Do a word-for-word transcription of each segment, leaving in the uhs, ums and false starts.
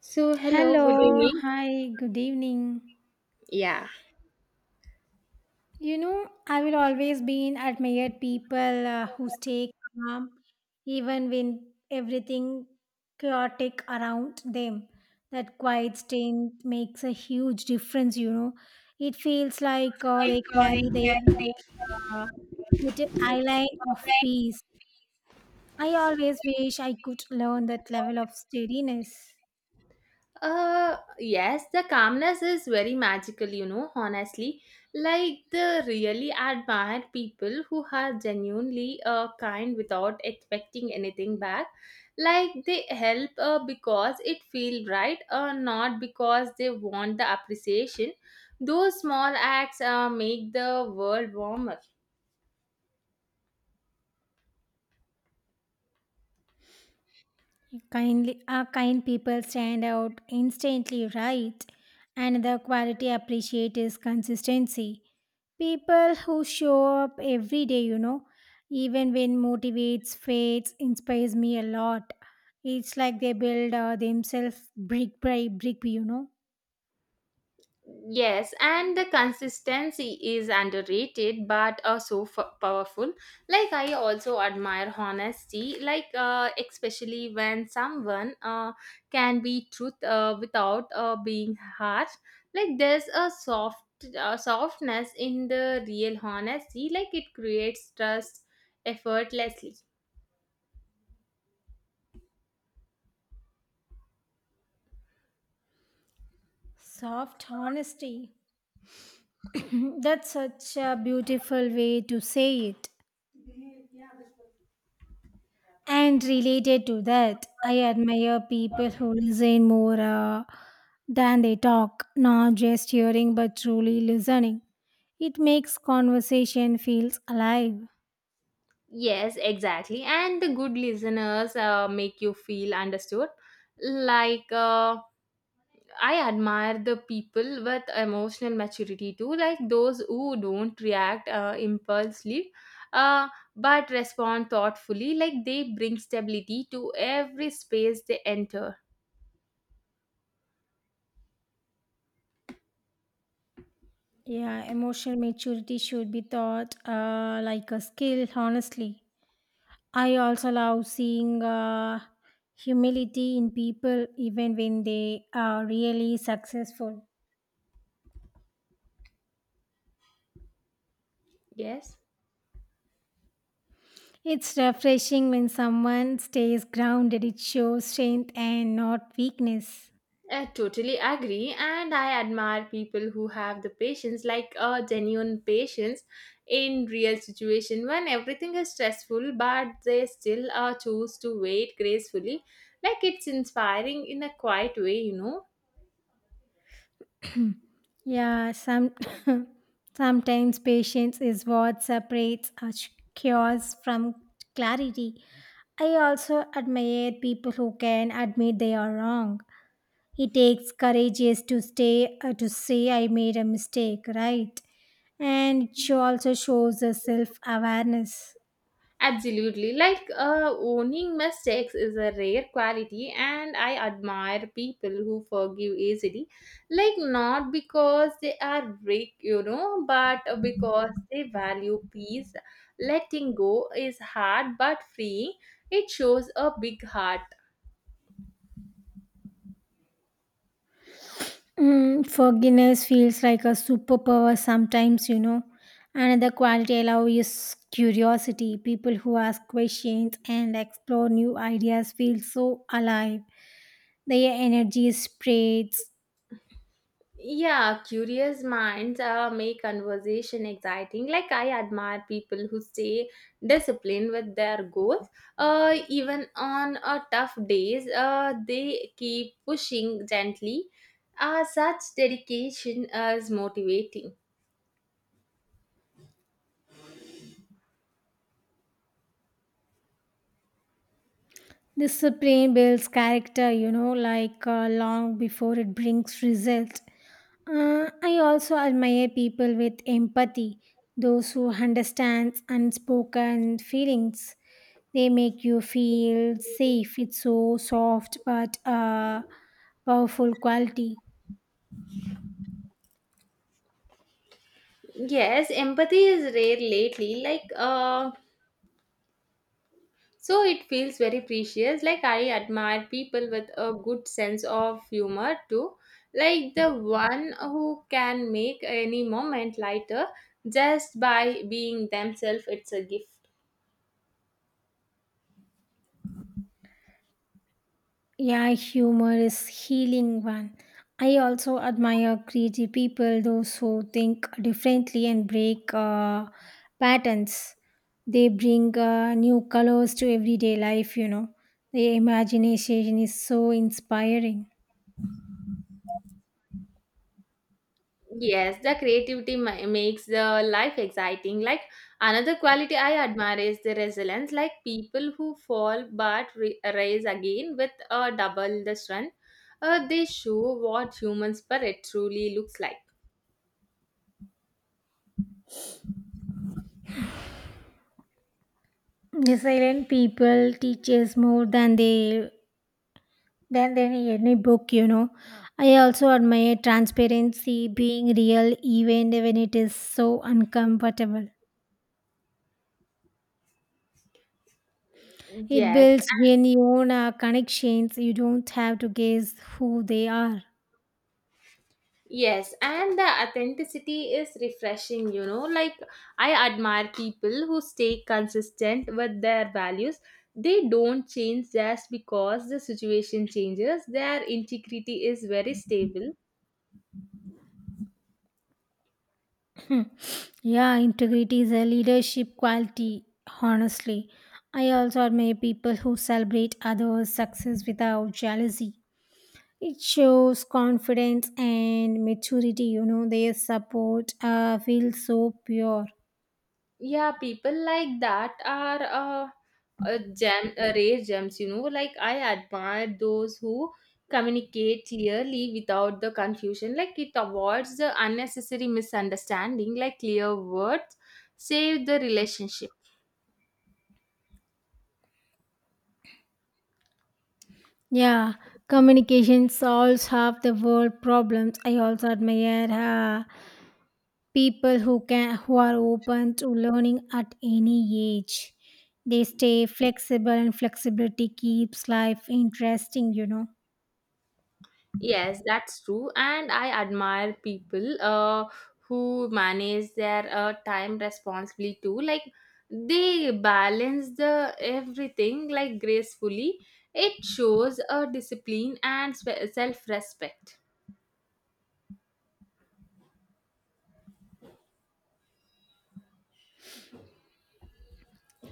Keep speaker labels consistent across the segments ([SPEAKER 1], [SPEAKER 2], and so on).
[SPEAKER 1] So, hello, good
[SPEAKER 2] Hello,
[SPEAKER 1] evening.
[SPEAKER 2] hi, good evening.
[SPEAKER 1] Yeah.
[SPEAKER 2] You know, I will always be in admired people uh, who stay calm even when everything chaotic around them. That quiet stint makes a huge difference, you know. It feels like uh, they carry their uh, little island of peace. I always wish I could learn that level of steadiness.
[SPEAKER 1] Uh, yes, the calmness is very magical, you know, honestly. Like, the really admire people who are genuinely uh, kind without expecting anything back. Like, they help uh, because it feels right, uh, not because they want the appreciation. Those small acts uh, make the world warmer.
[SPEAKER 2] Kindly, uh, kind people stand out instantly, right? And the quality appreciate is consistency. People who show up every day, you know, even when motivates, fates, inspires me a lot. It's like they build uh, themselves brick by brick, you know.
[SPEAKER 1] Yes, and the consistency is underrated but also f- powerful. Like, I also admire honesty, like, uh, especially when someone uh, can be truth uh, without uh, being harsh. Like, there's a soft uh, softness in the real honesty, like, it creates trust effortlessly.
[SPEAKER 2] Soft honesty. That's such a beautiful way to say it. And related to that, I admire people who listen more uh, than they talk, not just hearing but truly listening. It makes conversation feels alive.
[SPEAKER 1] Yes, exactly. And the good listeners uh, make you feel understood. Like, uh, I admire the people with emotional maturity too, like those who don't react uh, impulsively, uh, but respond thoughtfully. Like they bring stability to every space they enter.
[SPEAKER 2] Yeah, emotional maturity should be taught uh, like a skill, honestly. I also love seeing uh, humility in people even when they are really successful.
[SPEAKER 1] Yes.
[SPEAKER 2] It's refreshing when someone stays grounded. It shows strength and not weakness.
[SPEAKER 1] I totally agree, and I admire people who have the patience, like a genuine patience, in real situation when everything is stressful, but they still uh, choose to wait gracefully. Like it's inspiring in a quiet way, you know.
[SPEAKER 2] Yeah, some sometimes patience is what separates us chaos from clarity. I also admire people who can admit they are wrong. It takes courageous to stay uh, to say I made a mistake, right? And it sho- also shows a self awareness.
[SPEAKER 1] Absolutely. Like uh, owning mistakes is a rare quality, and I admire people who forgive easily. Like, not because they are weak, you know, but because they value peace. Letting go is hard but free. It shows a big heart.
[SPEAKER 2] Mm, forgiveness feels like a superpower sometimes, you know. Another quality I love is curiosity. People who ask questions and explore new ideas feel so alive. Their energy spreads.
[SPEAKER 1] Yeah, curious minds uh, make conversation exciting. Like I admire people who stay disciplined with their goals. Uh, even on uh, tough days, uh, they keep pushing gently. Uh, such dedication is motivating.
[SPEAKER 2] Discipline builds character, you know, like uh, long before it brings result. Uh, I also admire people with empathy, those who understand unspoken feelings. They make you feel safe. It's so soft but a powerful quality.
[SPEAKER 1] Yes, empathy is rare lately. Like uh, So it feels very precious. Like I admire people with a good sense of humor too. Like the one who can make any moment lighter just by being themselves, it's a gift.
[SPEAKER 2] Yeah, humor is healing one. I also admire creative people, those who think differently and break uh, patterns. They bring uh, new colors to everyday life, you know. Their imagination is so inspiring.
[SPEAKER 1] Yes, the creativity ma- makes the life exciting. Like another quality I admire is the resilience. Like people who fall but re- rise again with uh, double the strength. Uh, they show what human spirit truly looks like.
[SPEAKER 2] The silent people teaches more than they than than any book you know I also admire transparency, being real even when it is so uncomfortable. It
[SPEAKER 1] Yes,
[SPEAKER 2] builds genuine uh, connections. You don't have to guess who they are.
[SPEAKER 1] Yes, and the authenticity is refreshing, you know. Like, I admire people who stay consistent with their values. They don't change just because the situation changes, their integrity is very stable.
[SPEAKER 2] Yeah, integrity is a leadership quality, honestly. I also admire people who celebrate others success without jealousy. It shows confidence and maturity you know Their support uh, feels so pure.
[SPEAKER 1] Yeah, people like that are uh, a gem, a rare gems, you know. Like I admire those who communicate clearly without the confusion, like it avoids the unnecessary misunderstanding, like clear words save the relationship.
[SPEAKER 2] Yeah, communication solves half the world problems. I also admire uh, people who can who are open to learning at any age. They stay flexible and flexibility keeps life interesting, you know.
[SPEAKER 1] Yes, that's true. And I admire people uh, who manage their uh, time responsibly too. Like they balance the everything like gracefully. It shows a discipline and self respect.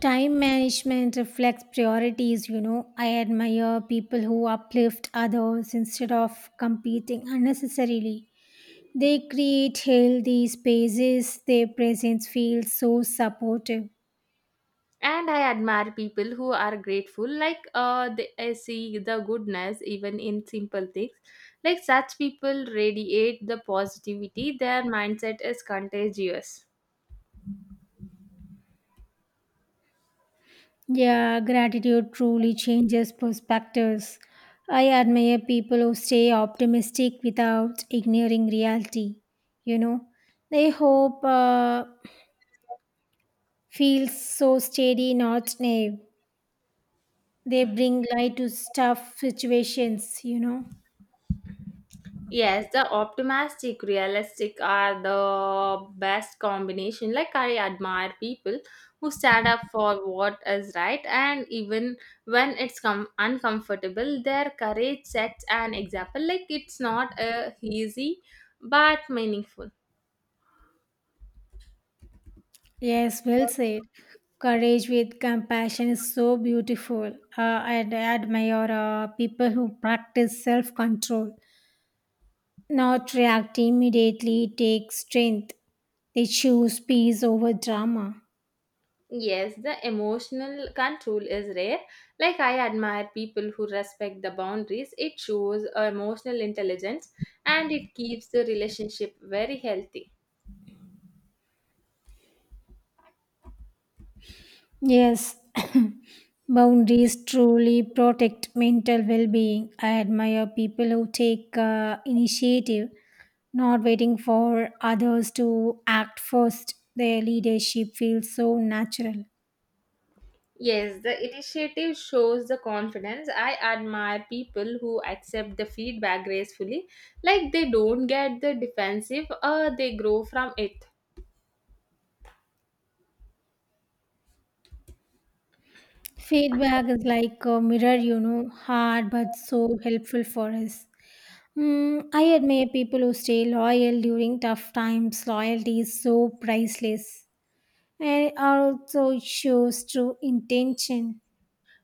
[SPEAKER 2] Time management reflects priorities, you know. I admire people who uplift others instead of competing unnecessarily. They create healthy spaces, their presence feels so supportive.
[SPEAKER 1] And I admire people who are grateful. Like uh, they I see the goodness even in simple things. Like such people radiate the positivity. Their mindset is contagious.
[SPEAKER 2] Yeah, gratitude truly changes perspectives. I admire people who stay optimistic without ignoring reality. You know, they hope uh, feels so steady, not naive. They bring light to tough situations, you know.
[SPEAKER 1] Yes, the optimistic, realistic are the best combination. Like I admire people who stand up for what is right, and even when it's com- uncomfortable, their courage sets an example. Like it's not uh, easy, but meaningful.
[SPEAKER 2] Yes, well said. Courage with compassion is so beautiful. Uh, I ad- admire uh, people who practice self control. Not react immediately takes strength. They choose peace over drama.
[SPEAKER 1] Yes, the emotional control is rare. Like I admire people who respect the boundaries. It shows uh, emotional intelligence, and it keeps the relationship very healthy.
[SPEAKER 2] Yes, boundaries truly protect mental well being. I admire people who take uh, initiative, not waiting for others to act first. Their leadership feels so natural.
[SPEAKER 1] Yes, the initiative shows the confidence. I admire people who accept the feedback gracefully, like they don't get the defensive or they grow from it.
[SPEAKER 2] Feedback is like a mirror, you know, hard but so helpful for us. Mm, I admire people who stay loyal during tough times. Loyalty is so priceless and it also shows true intention.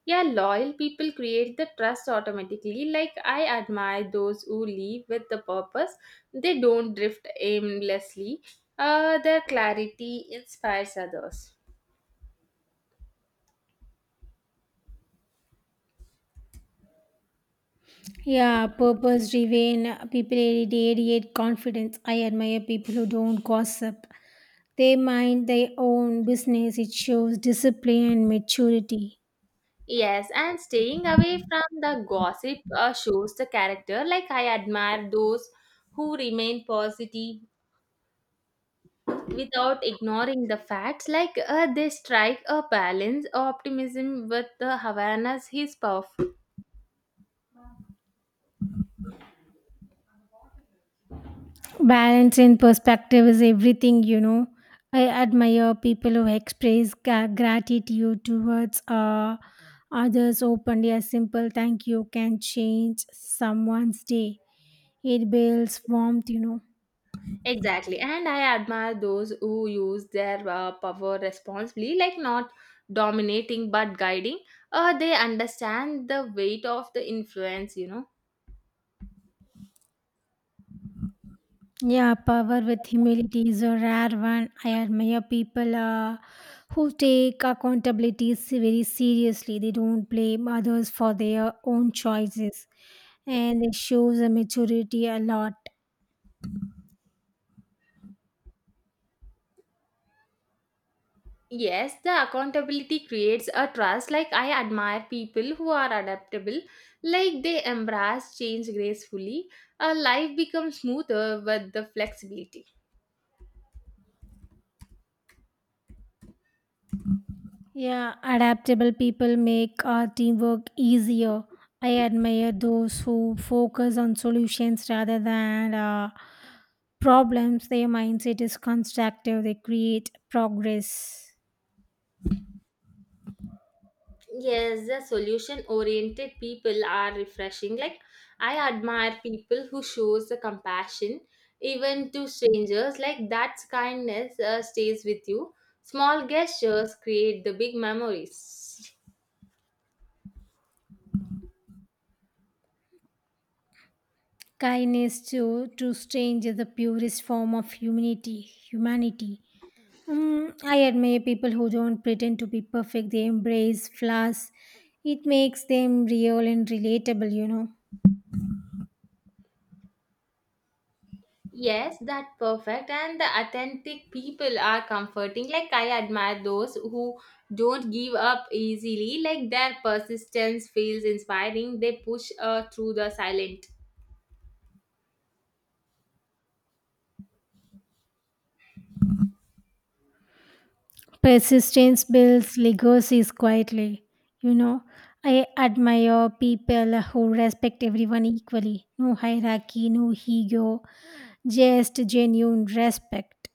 [SPEAKER 1] Yeah, loyal people create the trust automatically. Like I admire those who leave with the purpose. They don't drift aimlessly. Uh, their clarity inspires others.
[SPEAKER 2] Yeah, purpose driven people radiate confidence. I admire people who don't gossip. They mind their own business. It shows discipline and maturity.
[SPEAKER 1] Yes, and staying away from the gossip uh, shows the character. Like I admire those who remain positive without ignoring the facts, like uh, they strike a balance, optimism with the awareness is powerful.
[SPEAKER 2] Balance and perspective is everything you know I admire people who express gra- gratitude towards uh, others openly. A simple thank you can change someone's day. It builds warmth you know
[SPEAKER 1] Exactly, and I admire those who use their uh, power responsibly, like not dominating but guiding. Uh, they understand the weight of the influence, you know.
[SPEAKER 2] Yeah, power with humility is a rare one. I admire people uh, who take accountability se- very seriously. They don't blame others for their own choices and it shows a maturity a lot.
[SPEAKER 1] Yes, the accountability creates a trust. Like I admire people who are adaptable, like they embrace change gracefully. Uh, life becomes smoother with the flexibility.
[SPEAKER 2] Yeah, adaptable people make our teamwork easier. I admire those who focus on solutions rather than uh, problems. Their mindset is constructive, they create progress.
[SPEAKER 1] Yes, the solution oriented people are refreshing. Like I admire people who shows the compassion even to strangers. Like that kindness uh, stays with you. Small gestures create the big memories.
[SPEAKER 2] Kindness to, to strangers is the purest form of humanity. Humanity. Mm, I admire people who don't pretend to be perfect, they embrace flaws. It makes them real and relatable, you know.
[SPEAKER 1] Yes, that perfect and the authentic people are comforting. Like I admire those who don't give up easily. Like their persistence feels inspiring. They push uh, through the silent.
[SPEAKER 2] Persistence builds legacies quietly. You know, I admire people who respect everyone equally. No hierarchy, no ego, just genuine respect.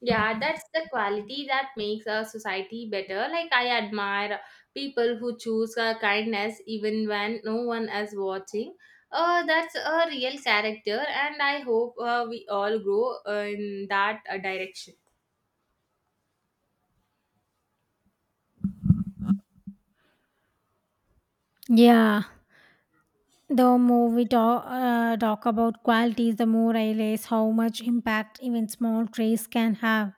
[SPEAKER 1] Yeah, that's the quality that makes a society better. Like, I admire people who choose uh, kindness even when no one is watching. Uh, that's a real character, and I hope uh, we all grow uh, in that uh, direction.
[SPEAKER 2] Yeah, the more we talk, uh, talk about qualities, the more I realize how much impact even small traits can have.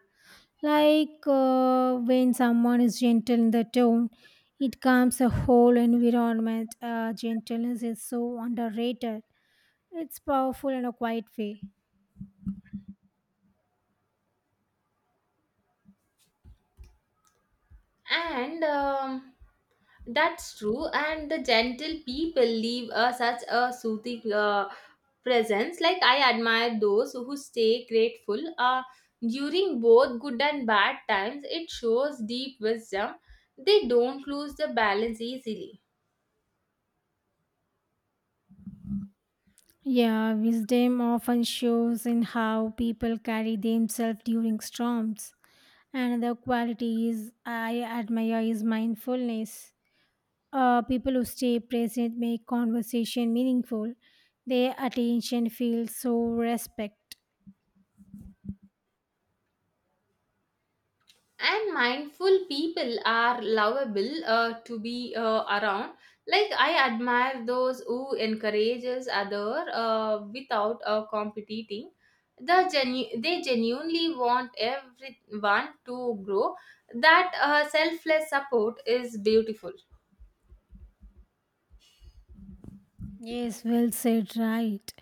[SPEAKER 2] Like uh, when someone is gentle in the tone, it calms a whole environment. Uh, gentleness is so underrated. It's powerful in a quiet way.
[SPEAKER 1] and um, that's true, and the gentle people leave uh, such a soothing uh, presence. Like I admire those who stay grateful uh, during both good and bad times. It shows deep wisdom. They don't lose the balance easily.
[SPEAKER 2] Yeah, wisdom often shows in how people carry themselves during storms. Another quality is I admire is mindfulness. Uh, people who stay present make conversation meaningful. Their attention feels so respect.
[SPEAKER 1] And mindful people are lovable uh, to be uh, around. Like I admire those who encourages other uh, without uh, competing. The genu- they genuinely want everyone to grow. That uh, selfless support is beautiful.
[SPEAKER 2] Yes, well said, right.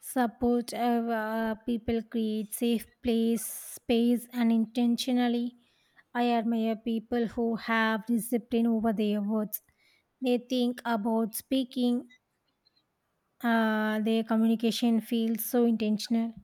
[SPEAKER 2] Support of, uh, people create safe place, space, and intentionally. I admire people who have discipline over their words. They think about speaking, uh, their communication feels so intentional.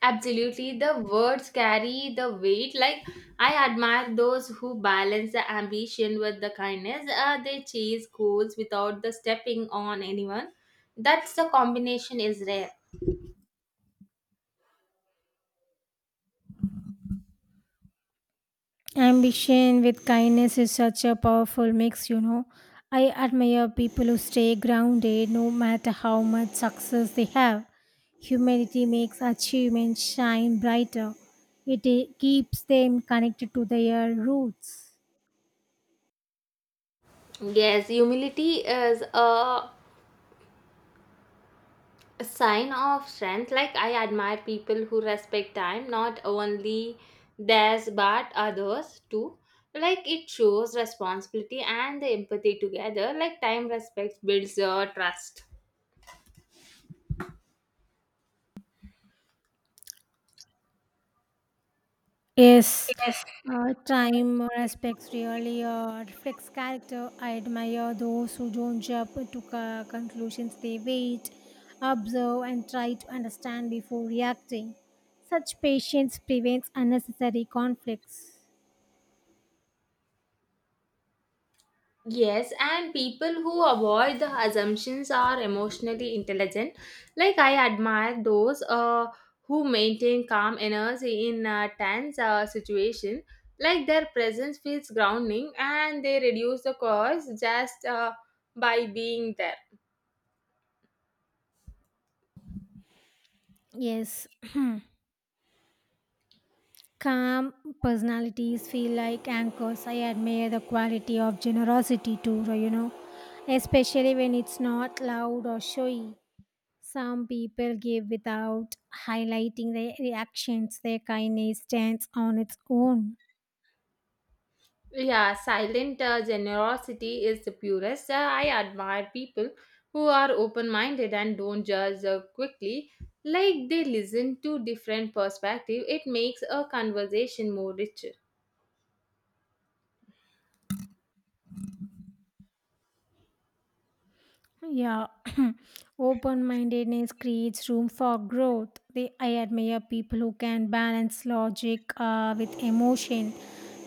[SPEAKER 1] Absolutely, the words carry the weight. Like, I admire those who balance the ambition with the kindness. Uh, they chase goals without the stepping on anyone. That's the combination is rare.
[SPEAKER 2] Ambition with kindness is such a powerful mix, you know. I admire people who stay grounded no matter how much success they have. Humility makes achievements shine brighter, it eh, keeps them connected to their roots.
[SPEAKER 1] Yes, humility is a sign of strength. Like, I admire people who respect time, not only theirs but others too. Like, it shows responsibility and the empathy together. Like, time respects builds uh, trust.
[SPEAKER 2] Yes, uh, time respects really uh, reflects character. I admire those who don't jump to co- conclusions. They wait, observe, and try to understand before reacting. Such patience prevents unnecessary conflicts.
[SPEAKER 1] Yes, and people who avoid the assumptions are emotionally intelligent. Like I admire those uh, who maintain calm energy in a tense uh, situation. Like their presence feels grounding, and they reduce the cause just uh, by being there.
[SPEAKER 2] Yes, calm personalities feel like anchors. I admire the quality of generosity too, you know, especially when it's not loud or showy. Some people give without highlighting their reactions, their kindness stands on its own.
[SPEAKER 1] Yeah, silent uh, generosity is the purest. Uh, I admire people who are open minded and don't judge uh, quickly. Like they listen to different perspective, it makes a conversation more richer.
[SPEAKER 2] Yeah, open mindedness creates room for growth. They, I admire people who can balance logic uh, with emotion.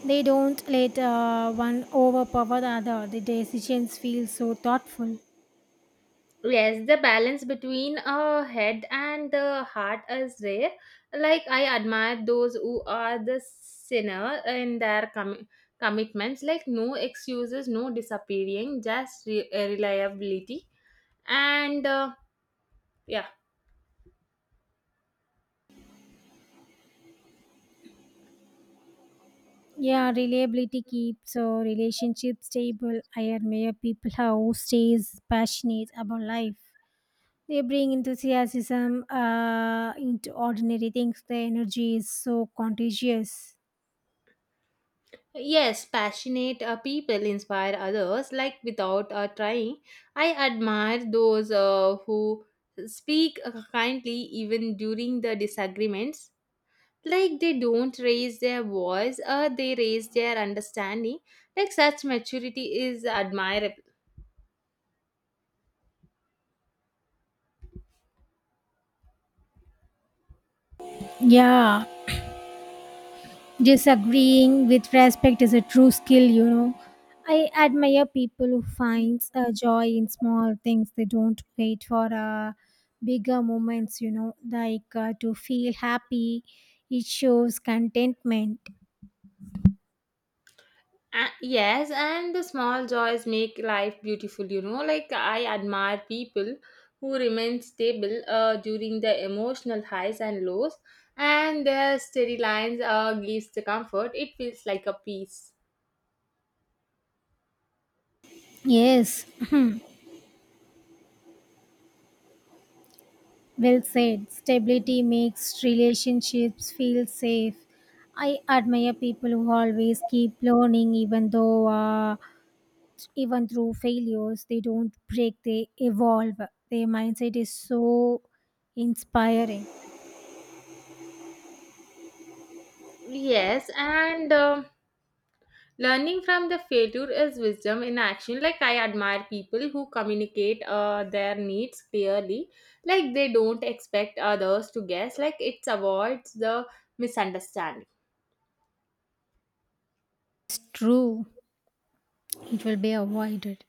[SPEAKER 2] They don't let uh, one overpower the other. The decisions feel so thoughtful.
[SPEAKER 1] Yes, the balance between a head and the heart is rare. Like I admire those who are the sinner in their com- commitments. Like no excuses, no disappearing, just re- uh, reliability. And uh, yeah.
[SPEAKER 2] Yeah, reliability keeps uh, relationships stable. I admire people who stays passionate about life. They bring enthusiasm uh, into ordinary things. The energy is so contagious.
[SPEAKER 1] Yes, passionate uh, people inspire others, like without uh, trying. I admire those uh, who speak uh, kindly even during the disagreements. Like they don't raise their voice, uh, they raise their understanding. Like such maturity is admirable.
[SPEAKER 2] Yeah, disagreeing with respect is a true skill, you know. I admire people who finds uh, joy in small things. They don't wait for uh, bigger moments, you know, like uh, to feel happy. It shows contentment.
[SPEAKER 1] Uh, yes, and the small joys make life beautiful, you know. Like, I admire people who remain stable uh, during the emotional highs and lows, and their steady lines uh, gives the comfort. It feels like a peace.
[SPEAKER 2] Yes, well said. Stability makes relationships feel safe. I admire people who always keep learning, even though, uh, even through failures, they don't break. They evolve. Their mindset is so inspiring.
[SPEAKER 1] Yes, and um learning from the failure is wisdom in action. Like, I admire people who communicate uh, their needs clearly, like, they don't expect others to guess, like, it avoids the misunderstanding.
[SPEAKER 2] It's true. It will be avoided.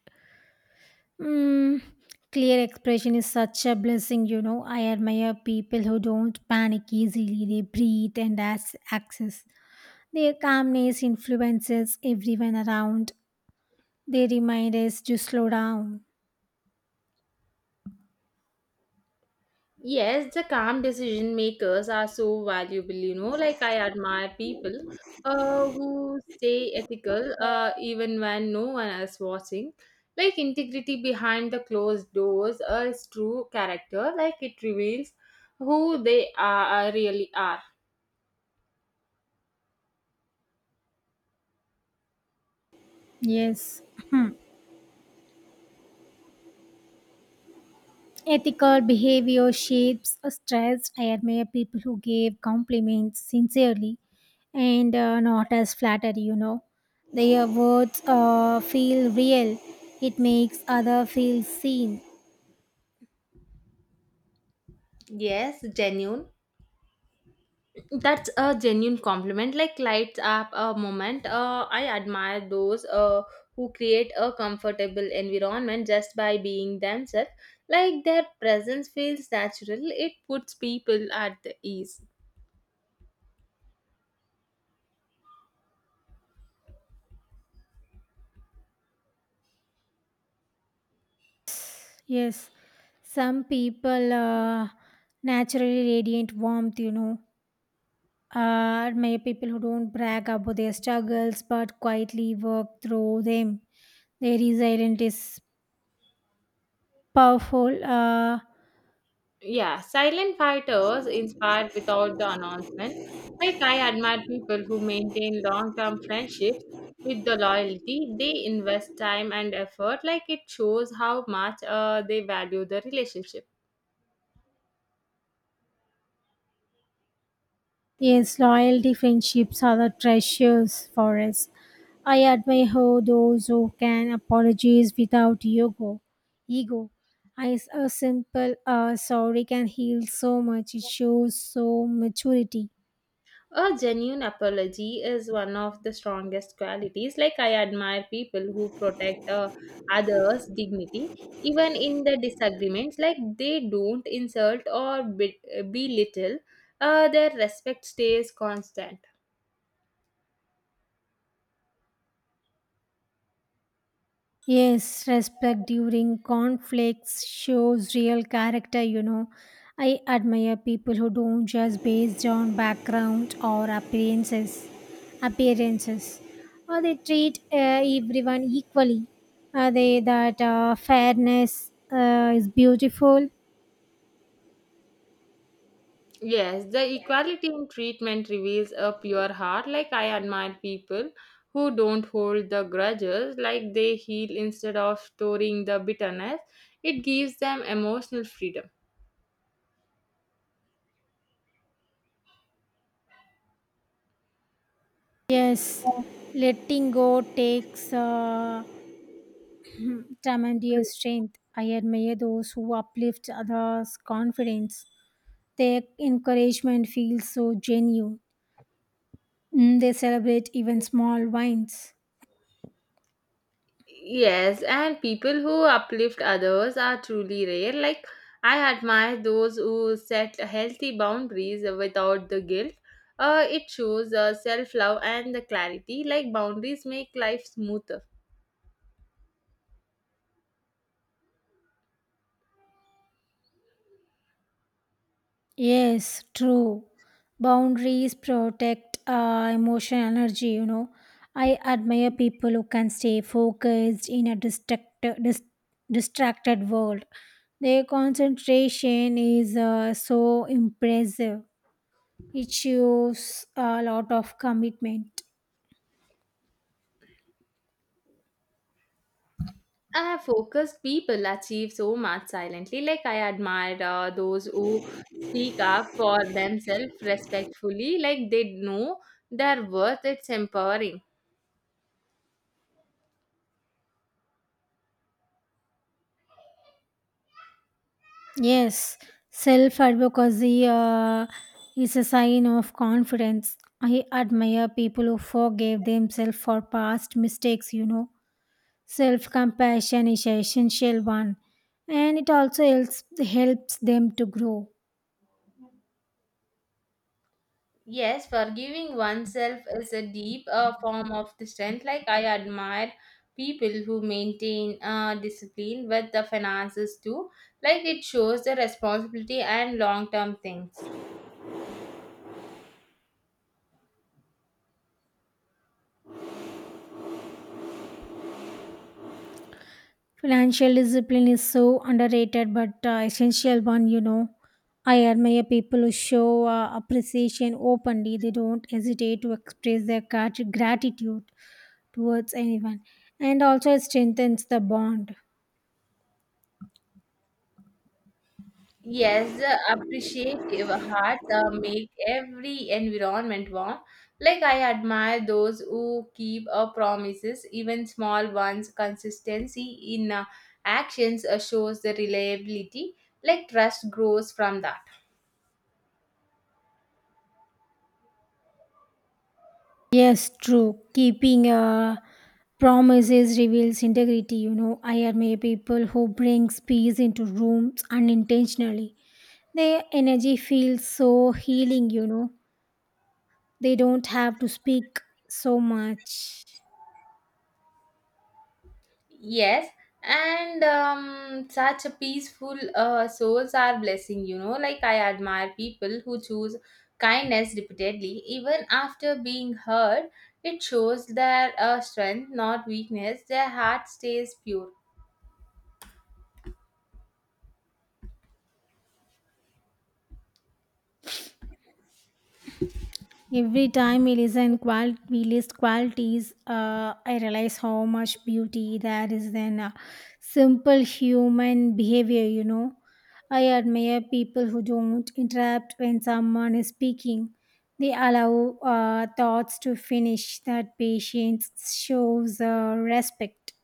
[SPEAKER 2] Mm, clear expression is such a blessing, you know. I admire people who don't panic easily. They breathe and ask access. Their calmness influences everyone around. They remind us to slow down.
[SPEAKER 1] Yes, the calm decision makers are so valuable, you know. Like, I admire people uh, who stay ethical uh, even when no one is watching. Like, integrity behind the closed doors uh, is true character. Like, it reveals who they are, really are.
[SPEAKER 2] Yes. Hmm. Ethical behavior shapes a stress. I admire people who give compliments sincerely and uh, not as flattery, you know. Their words uh, feel real. It makes other feel seen.
[SPEAKER 1] Yes, genuine. That's a genuine compliment. Like lights up a moment. Uh, I admire those uh, who create a comfortable environment just by being themselves. Like their presence feels natural. It puts people at the ease.
[SPEAKER 2] Yes. Some people uh, naturally radiant warmth, you know. Are many people who don't brag about their struggles but quietly work through them. Their resilience is powerful. Uh,
[SPEAKER 1] Yeah, silent fighters inspired without the announcement. Like I admire people who maintain long-term friendships with the loyalty. They invest time and effort. Like it shows how much uh, they value the relationship.
[SPEAKER 2] yes, loyalty, friendships are the treasures for us. I admire how those who can apologize without ego. Ego. As a simple uh, sorry can heal so much. It shows so maturity.
[SPEAKER 1] A genuine apology is one of the strongest qualities. Like, I admire people who protect uh, others' dignity, even in the disagreements, like, they don't insult or be- belittle, uh, their respect stays constant.
[SPEAKER 2] Yes, respect during conflicts shows real character, you know. I admire people who don't just based on background or appearances, appearances, or they treat uh, everyone equally. Are they that uh, fairness uh, is beautiful?
[SPEAKER 1] Yes, the equality in treatment reveals a pure heart. Like, I admire people who don't hold the grudges, like, they heal instead of storing the bitterness. It gives them emotional freedom.
[SPEAKER 2] Yes, letting go takes uh, tremendous strength. I admire those who uplift others' confidence. Their encouragement feels so genuine. Mm, they celebrate even small wins.
[SPEAKER 1] Yes, and people who uplift others are truly rare. Like, I admire those who set healthy boundaries without the guilt. Uh, it shows uh, self love and the clarity. Like, boundaries make life smoother.
[SPEAKER 2] Yes, true. Boundaries protect uh, emotional energy, you know. I admire people who can stay focused in a distract- dis- distracted world. Their concentration is uh, so impressive. It shows a lot of commitment.
[SPEAKER 1] Uh, focused people achieve so much silently. Like, I admire uh, those who speak up for themselves respectfully. Like, they know their worth. It's empowering.
[SPEAKER 2] Yes, self advocacy uh, is a sign of confidence. I admire people who forgave themselves for past mistakes, you know. Self compassion is an essential one, and it also helps, helps them to grow.
[SPEAKER 1] Yes, forgiving oneself is a deep uh, form of the strength. Like I admire people who maintain uh, discipline with the finances too. Like it shows the responsibility and long term things.
[SPEAKER 2] Financial discipline is so underrated but uh, essential one, you know. I admire people who show uh, appreciation openly, they don't hesitate to express their grat- gratitude towards anyone and also it strengthens the bond.
[SPEAKER 1] Yes, the appreciative hearts uh, make every environment warm. Like I admire those who keep uh, promises, even small ones. Consistency in uh, actions uh, shows the reliability. Like trust grows from that.
[SPEAKER 2] Yes, true. Keeping a promises reveals integrity you know I admire people who brings peace into rooms unintentionally. Their energy feels so healing you know They don't have to speak so much.
[SPEAKER 1] Yes, and um, such a peaceful uh, souls are blessing, you know. Like, I admire people who choose kindness repeatedly, even after being hurt. It shows their uh, strength, not weakness. Their heart stays pure.
[SPEAKER 2] Every time we listen qual- we list qualities, uh, I realize how much beauty there is in uh, simple human behavior, you know. I admire people who don't interrupt when someone is speaking. They allow uh, thoughts to finish. That patience shows uh, respect.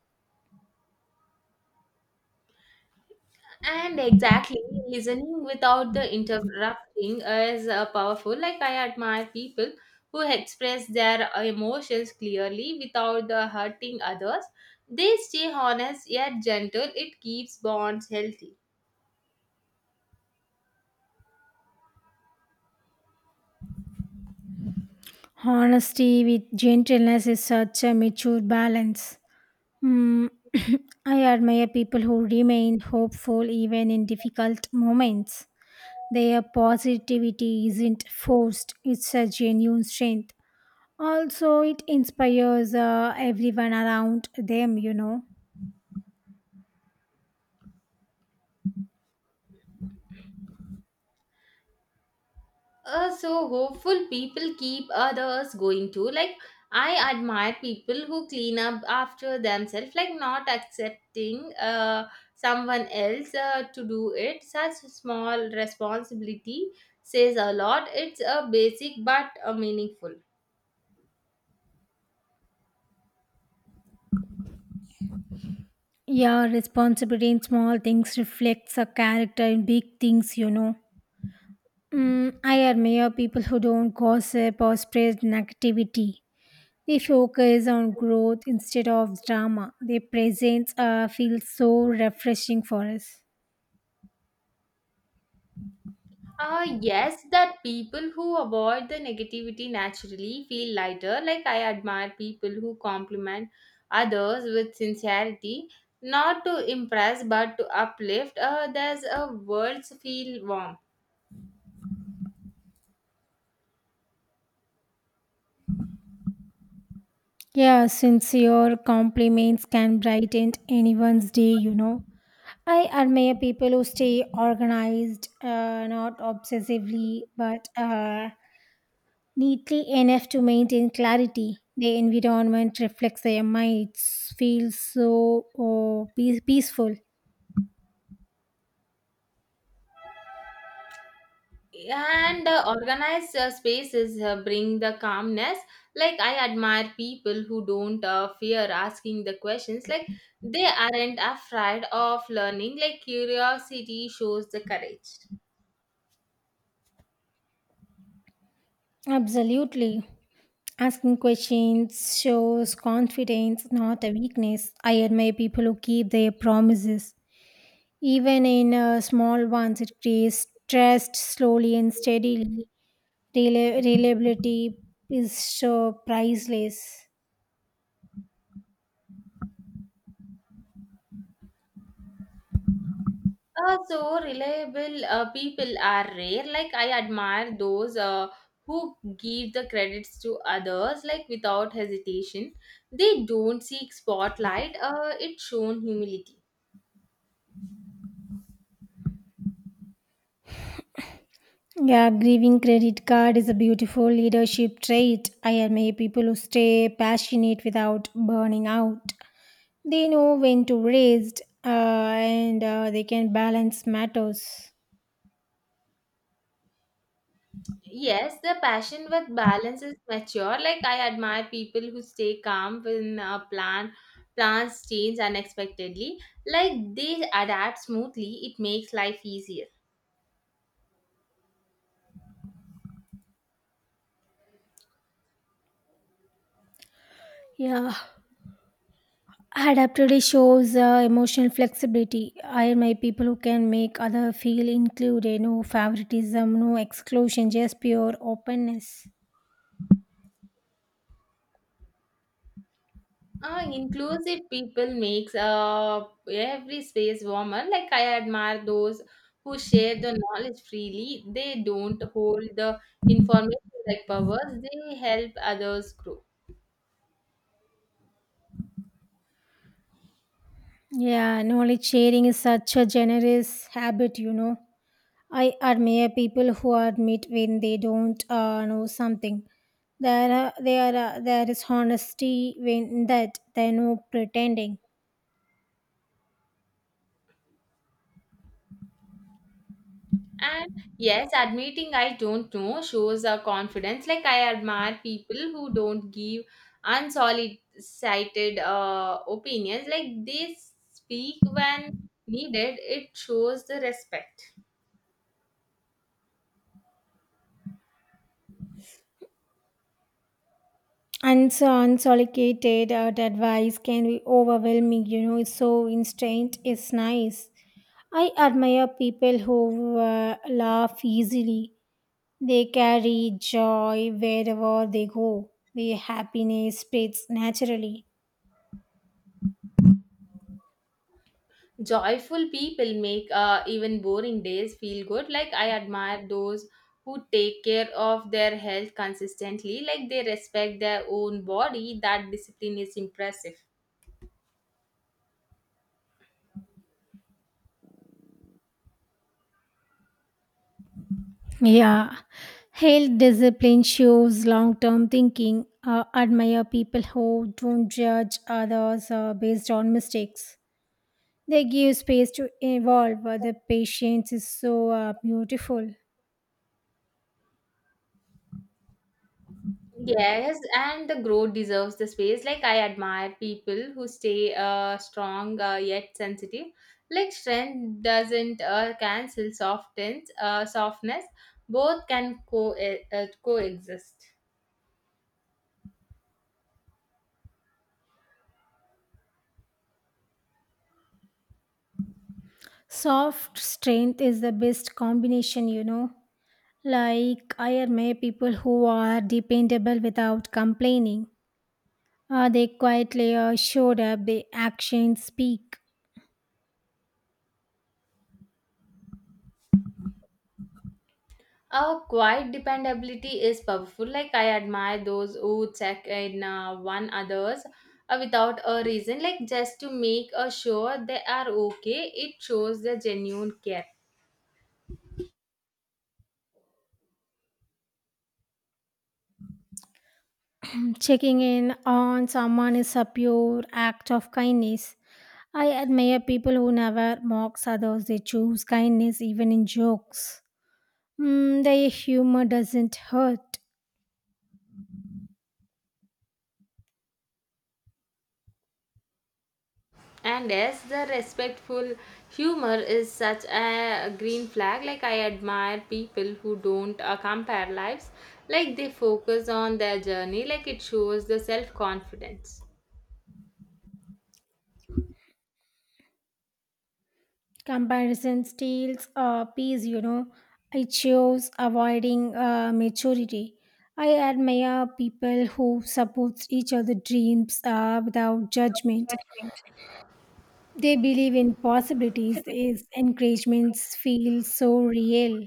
[SPEAKER 1] And exactly, listening without the interrupting is uh, powerful. Like I admire people who express their uh, emotions clearly without the hurting others. They stay honest yet gentle. It keeps bonds healthy.
[SPEAKER 2] Honesty with gentleness is such a mature balance. Mm, I admire people who remain hopeful even in difficult moments. Their positivity isn't forced, it's a genuine strength. Also, it inspires uh, everyone around them, you know.
[SPEAKER 1] Uh, so hopeful people keep others going too, like i admire people who clean up after themselves, like not accepting uh, someone else uh, to do it. Such small responsibility says a lot. It's a basic but uh, meaningful.
[SPEAKER 2] Yeah, responsibility in small things reflects a character in big things, you know. Mm, I admire people who don't gossip or spread negativity. They focus on growth instead of drama. Their presence uh, feels so refreshing for us.
[SPEAKER 1] Uh, yes, that people who avoid the negativity naturally feel lighter. Like, I admire people who compliment others with sincerity, not to impress but to uplift. Uh, there's a words feel warm.
[SPEAKER 2] Yeah, sincere compliments can brighten anyone's day, you know. I admire people who stay organized, uh, not obsessively, but uh, neatly enough to maintain clarity. The environment reflects their minds, feels so oh, peace- peaceful.
[SPEAKER 1] And the organized uh, spaces uh, bring the calmness. Like, I admire people who don't uh, fear asking the questions. Like, they aren't afraid of learning. Like, curiosity shows the courage.
[SPEAKER 2] Absolutely. Asking questions shows confidence, not a weakness. I admire people who keep their promises. Even in uh, small ones, it creates trust slowly and steadily. Reli- reliability is so priceless.
[SPEAKER 1] Uh, so reliable uh, people are rare. Like I admire those uh, who give the credits to others, like without hesitation. They don't seek spotlight. Uh, it shown humility.
[SPEAKER 2] Yeah, grieving credit card is a beautiful leadership trait. I admire people who stay passionate without burning out. They know when to raise uh, and uh, they can balance matters.
[SPEAKER 1] Yes, the passion with balance is mature. Like I admire people who stay calm when uh, plan plans change unexpectedly. Like they adapt smoothly. It makes life easier.
[SPEAKER 2] Yeah, adaptability shows uh, emotional flexibility. I admire people who can make other feel included. No favoritism, no exclusion, just pure openness.
[SPEAKER 1] Uh, inclusive people makes uh, every space warmer. Like I admire those who share the knowledge freely. They don't hold the information like powers. They help others grow.
[SPEAKER 2] Yeah, knowledge sharing is such a generous habit, you know. I admire people who admit when they don't uh, know something. There, are, there, are, there is honesty when that they are no pretending.
[SPEAKER 1] And yes, admitting I don't know shows a confidence. Like I admire people who don't give unsolicited uh, opinions. Like they speak when needed. It shows the respect.
[SPEAKER 2] Unso- unsolicited uh, advice can be overwhelming, you know, so instant is nice. I admire people who uh, laugh easily. They carry joy wherever they go. Their happiness spreads naturally.
[SPEAKER 1] Joyful people make uh, even boring days feel good. Like, I admire those who take care of their health consistently, like, they respect their own body. That discipline is impressive.
[SPEAKER 2] Yeah. Health discipline shows long term thinking. Uh, admire people who don't judge others uh, based on mistakes. They give space to evolve. Uh, The patience is so uh, beautiful.
[SPEAKER 1] Yes, and the growth deserves the space. Like, I admire people who stay uh, strong uh, yet sensitive. Like, strength doesn't uh, cancel softens, uh, softness, both can co- uh, uh, coexist.
[SPEAKER 2] Soft strength is the best combination, you know. Like IRMA people who are dependable without complaining. Uh, they quietly uh, showed up, they actions speak.
[SPEAKER 1] Uh, quiet dependability is powerful. Like I admire those who check in uh, one others uh, without a reason, like just to make uh, sure they are okay. It shows the genuine care.
[SPEAKER 2] Checking in on someone is a pure act of kindness. I admire people who never mocks others. They choose kindness even in jokes. Mm, their humor doesn't hurt.
[SPEAKER 1] And yes, the respectful humor is such a green flag. Like I admire people who don't uh, compare lives. Like they focus on their journey. Like it shows the self confidence.
[SPEAKER 2] Comparison steals uh, peace, you know. I chose avoiding uh, maturity. I admire people who support each other's dreams uh, without judgment. They believe in possibilities. Is encouragements feel so real.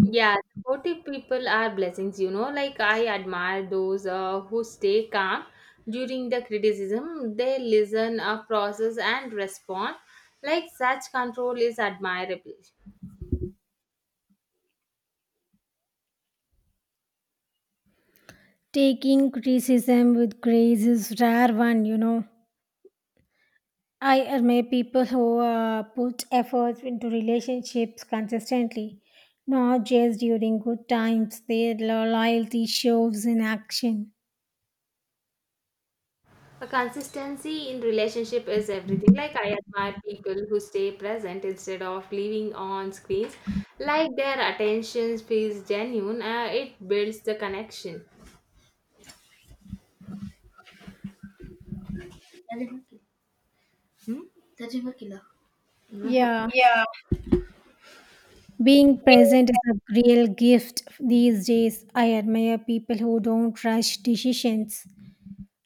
[SPEAKER 1] Yeah, supportive people are blessings, you know. Like, I admire those uh, who stay calm during the criticism. They listen, uh, process, and respond. Like, such control is admirable.
[SPEAKER 2] Taking criticism with grace is rare one, you know. I admire people who uh, put efforts into relationships consistently, not just during good times. Their lo- loyalty shows in action.
[SPEAKER 1] A consistency in relationship is everything. Like, I admire people who stay present instead of living on screens. Like, their attention feels genuine, uh, it builds the connection. Hmm?
[SPEAKER 2] Yeah, being present is a real gift these days. I admire people who don't rush decisions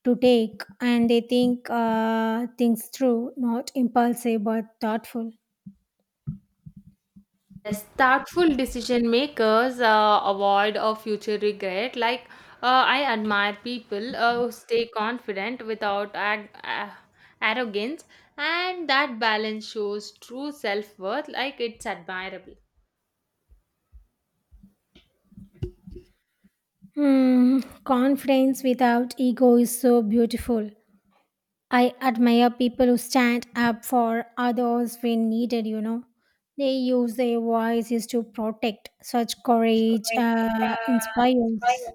[SPEAKER 2] to take and they think uh, things through, not impulsive but thoughtful.
[SPEAKER 1] Yes, thoughtful decision makers uh, avoid a future regret. Like uh, I admire people uh, who stay confident without ag- uh, arrogance, and that balance shows true self worth. Like it's admirable.
[SPEAKER 2] Hmm, confidence without ego is so beautiful. I admire people who stand up for others when needed, you know. They use their voices to protect. Such courage uh, inspires.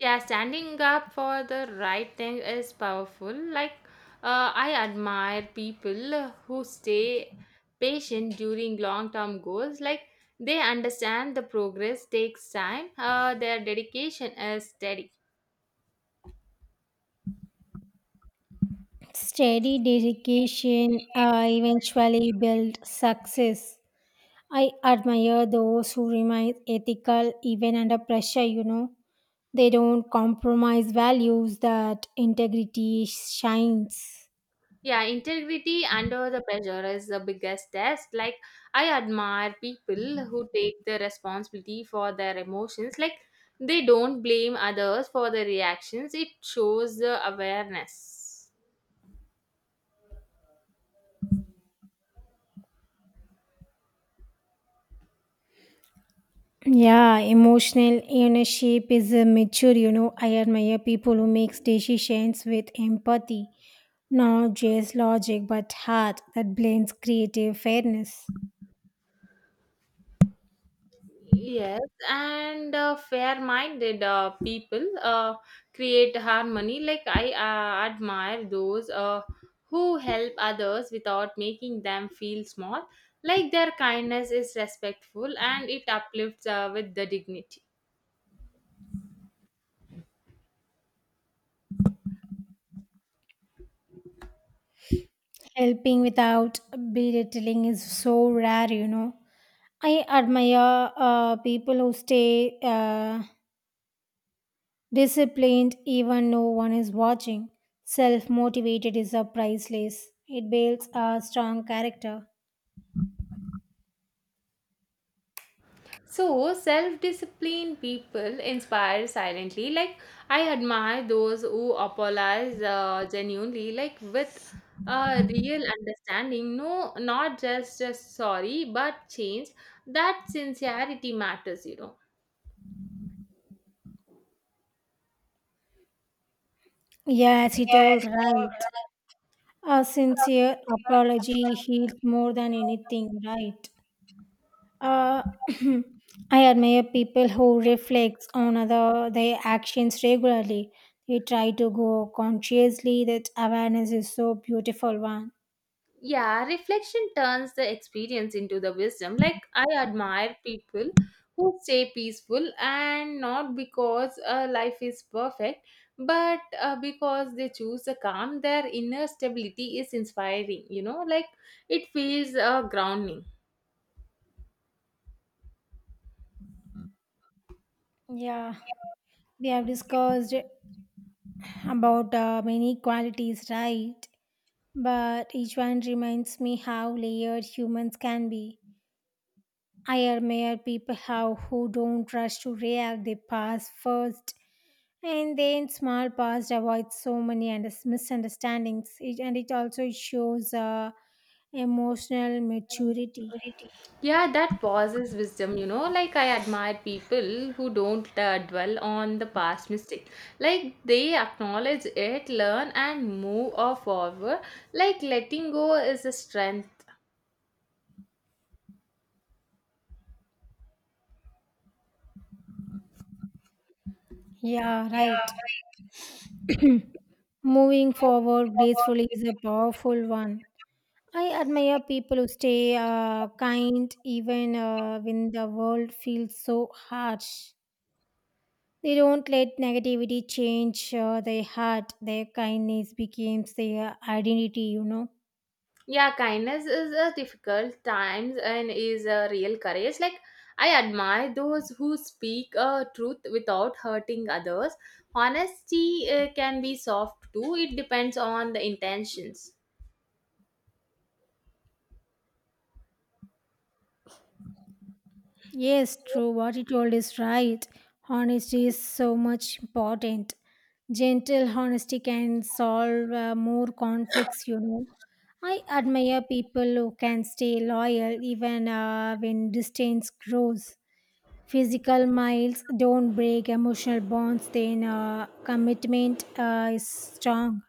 [SPEAKER 1] Yeah, standing up for the right thing is powerful. Like, uh, I admire people who stay patient during long term goals. Like, they understand the progress takes time, uh, their dedication is steady.
[SPEAKER 2] Steady dedication uh, eventually builds success. I admire those who remain ethical even under pressure, you know. They don't compromise values that integrity shines.
[SPEAKER 1] Yeah, integrity under the pressure is the biggest test. Like, I admire people who take the responsibility for their emotions. Like, they don't blame others for their reactions, it shows the awareness.
[SPEAKER 2] Yeah, emotional ownership is a mature, you know. I admire people who makes decisions with empathy, not just logic but heart that blends creative fairness.
[SPEAKER 1] Yes, and uh, fair-minded uh, people uh, create harmony. Like I uh, admire those uh, who help others without making them feel small. Like their kindness is respectful and it uplifts uh, with the dignity.
[SPEAKER 2] Helping without belittling is so rare, you know. I admire uh, people who stay uh, disciplined even no one is watching. Self motivated is a priceless. It builds a strong character.
[SPEAKER 1] So, self disciplined people inspire silently. Like, I admire those who apologize uh, genuinely, like with a real understanding. No, not just, just sorry, but change. That sincerity matters, you know.
[SPEAKER 2] Yes, you told right. A sincere apology heals more than anything, right? Uh, I admire people who reflect on other their actions regularly. They try to go consciously. That awareness is so beautiful one.
[SPEAKER 1] Yeah, reflection turns the experience into the wisdom. Like, I admire people who stay peaceful and not because uh, life is perfect, but uh, because they choose the calm. Their inner stability is inspiring. You know, like it feels uh, grounding.
[SPEAKER 2] Yeah, we have discussed about uh, many qualities, right? But each one reminds me how layered humans can be. I admire people how who don't rush to react. They pass first. And then small past avoids so many under- misunderstandings, it, and it also shows uh, emotional maturity.
[SPEAKER 1] Yeah, that pauses wisdom, you know. Like, I admire people who don't uh, dwell on the past mistake. Like, they acknowledge it, learn, and move on forward. Like, letting go is a strength.
[SPEAKER 2] Yeah, right. Moving forward gracefully is a powerful one. I admire people who stay uh, kind even uh, when the world feels so harsh. They don't let negativity change uh, their heart. Their kindness becomes their identity, you know.
[SPEAKER 1] Yeah, kindness is a difficult times and is a real courage. Like, I admire those who speak uh, truth without hurting others. Honesty uh, can be soft too, it depends on the intentions.
[SPEAKER 2] Yes, true. What you told is right. Honesty is so much important. Gentle honesty can solve uh, more conflicts, you know. I admire people who can stay loyal even uh, when distance grows. Physical miles don't break emotional bonds, then uh, commitment uh, is strong.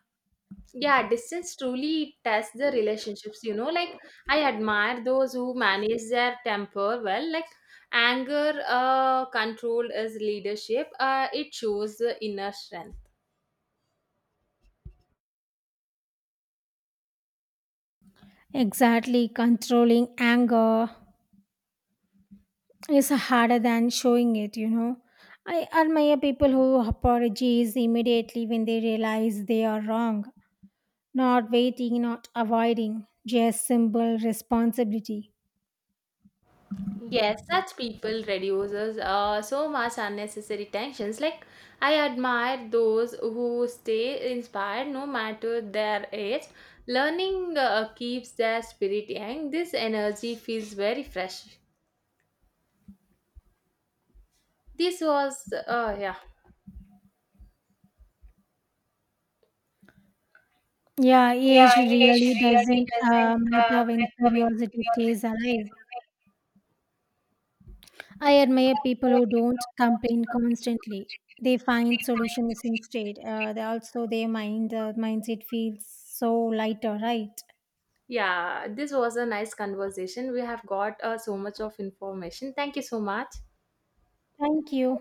[SPEAKER 1] Yeah, distance truly tests the relationships, you know like i admire those who manage their temper well. Like anger uh, control is leadership. Uh, it shows the inner strength.
[SPEAKER 2] Exactly, controlling anger is harder than showing it, you know. I admire people who apologize immediately when they realize they are wrong, not waiting, not avoiding, just simple responsibility.
[SPEAKER 1] Yes, such people reduces uh, so much unnecessary tensions. Like i admire those who stay inspired no matter their age. Learning uh, keeps their spirit young. This energy feels very fresh. This was uh, yeah.
[SPEAKER 2] Yeah, age really doesn't uh, matter when curiosity stays alive. I admire people who don't complain constantly. They find solutions instead. Uh, they also their mind, uh, mindset feels so lighter, right?
[SPEAKER 1] Yeah, this was a nice conversation. We have got uh, so much of information. Thank you so much.
[SPEAKER 2] Thank you.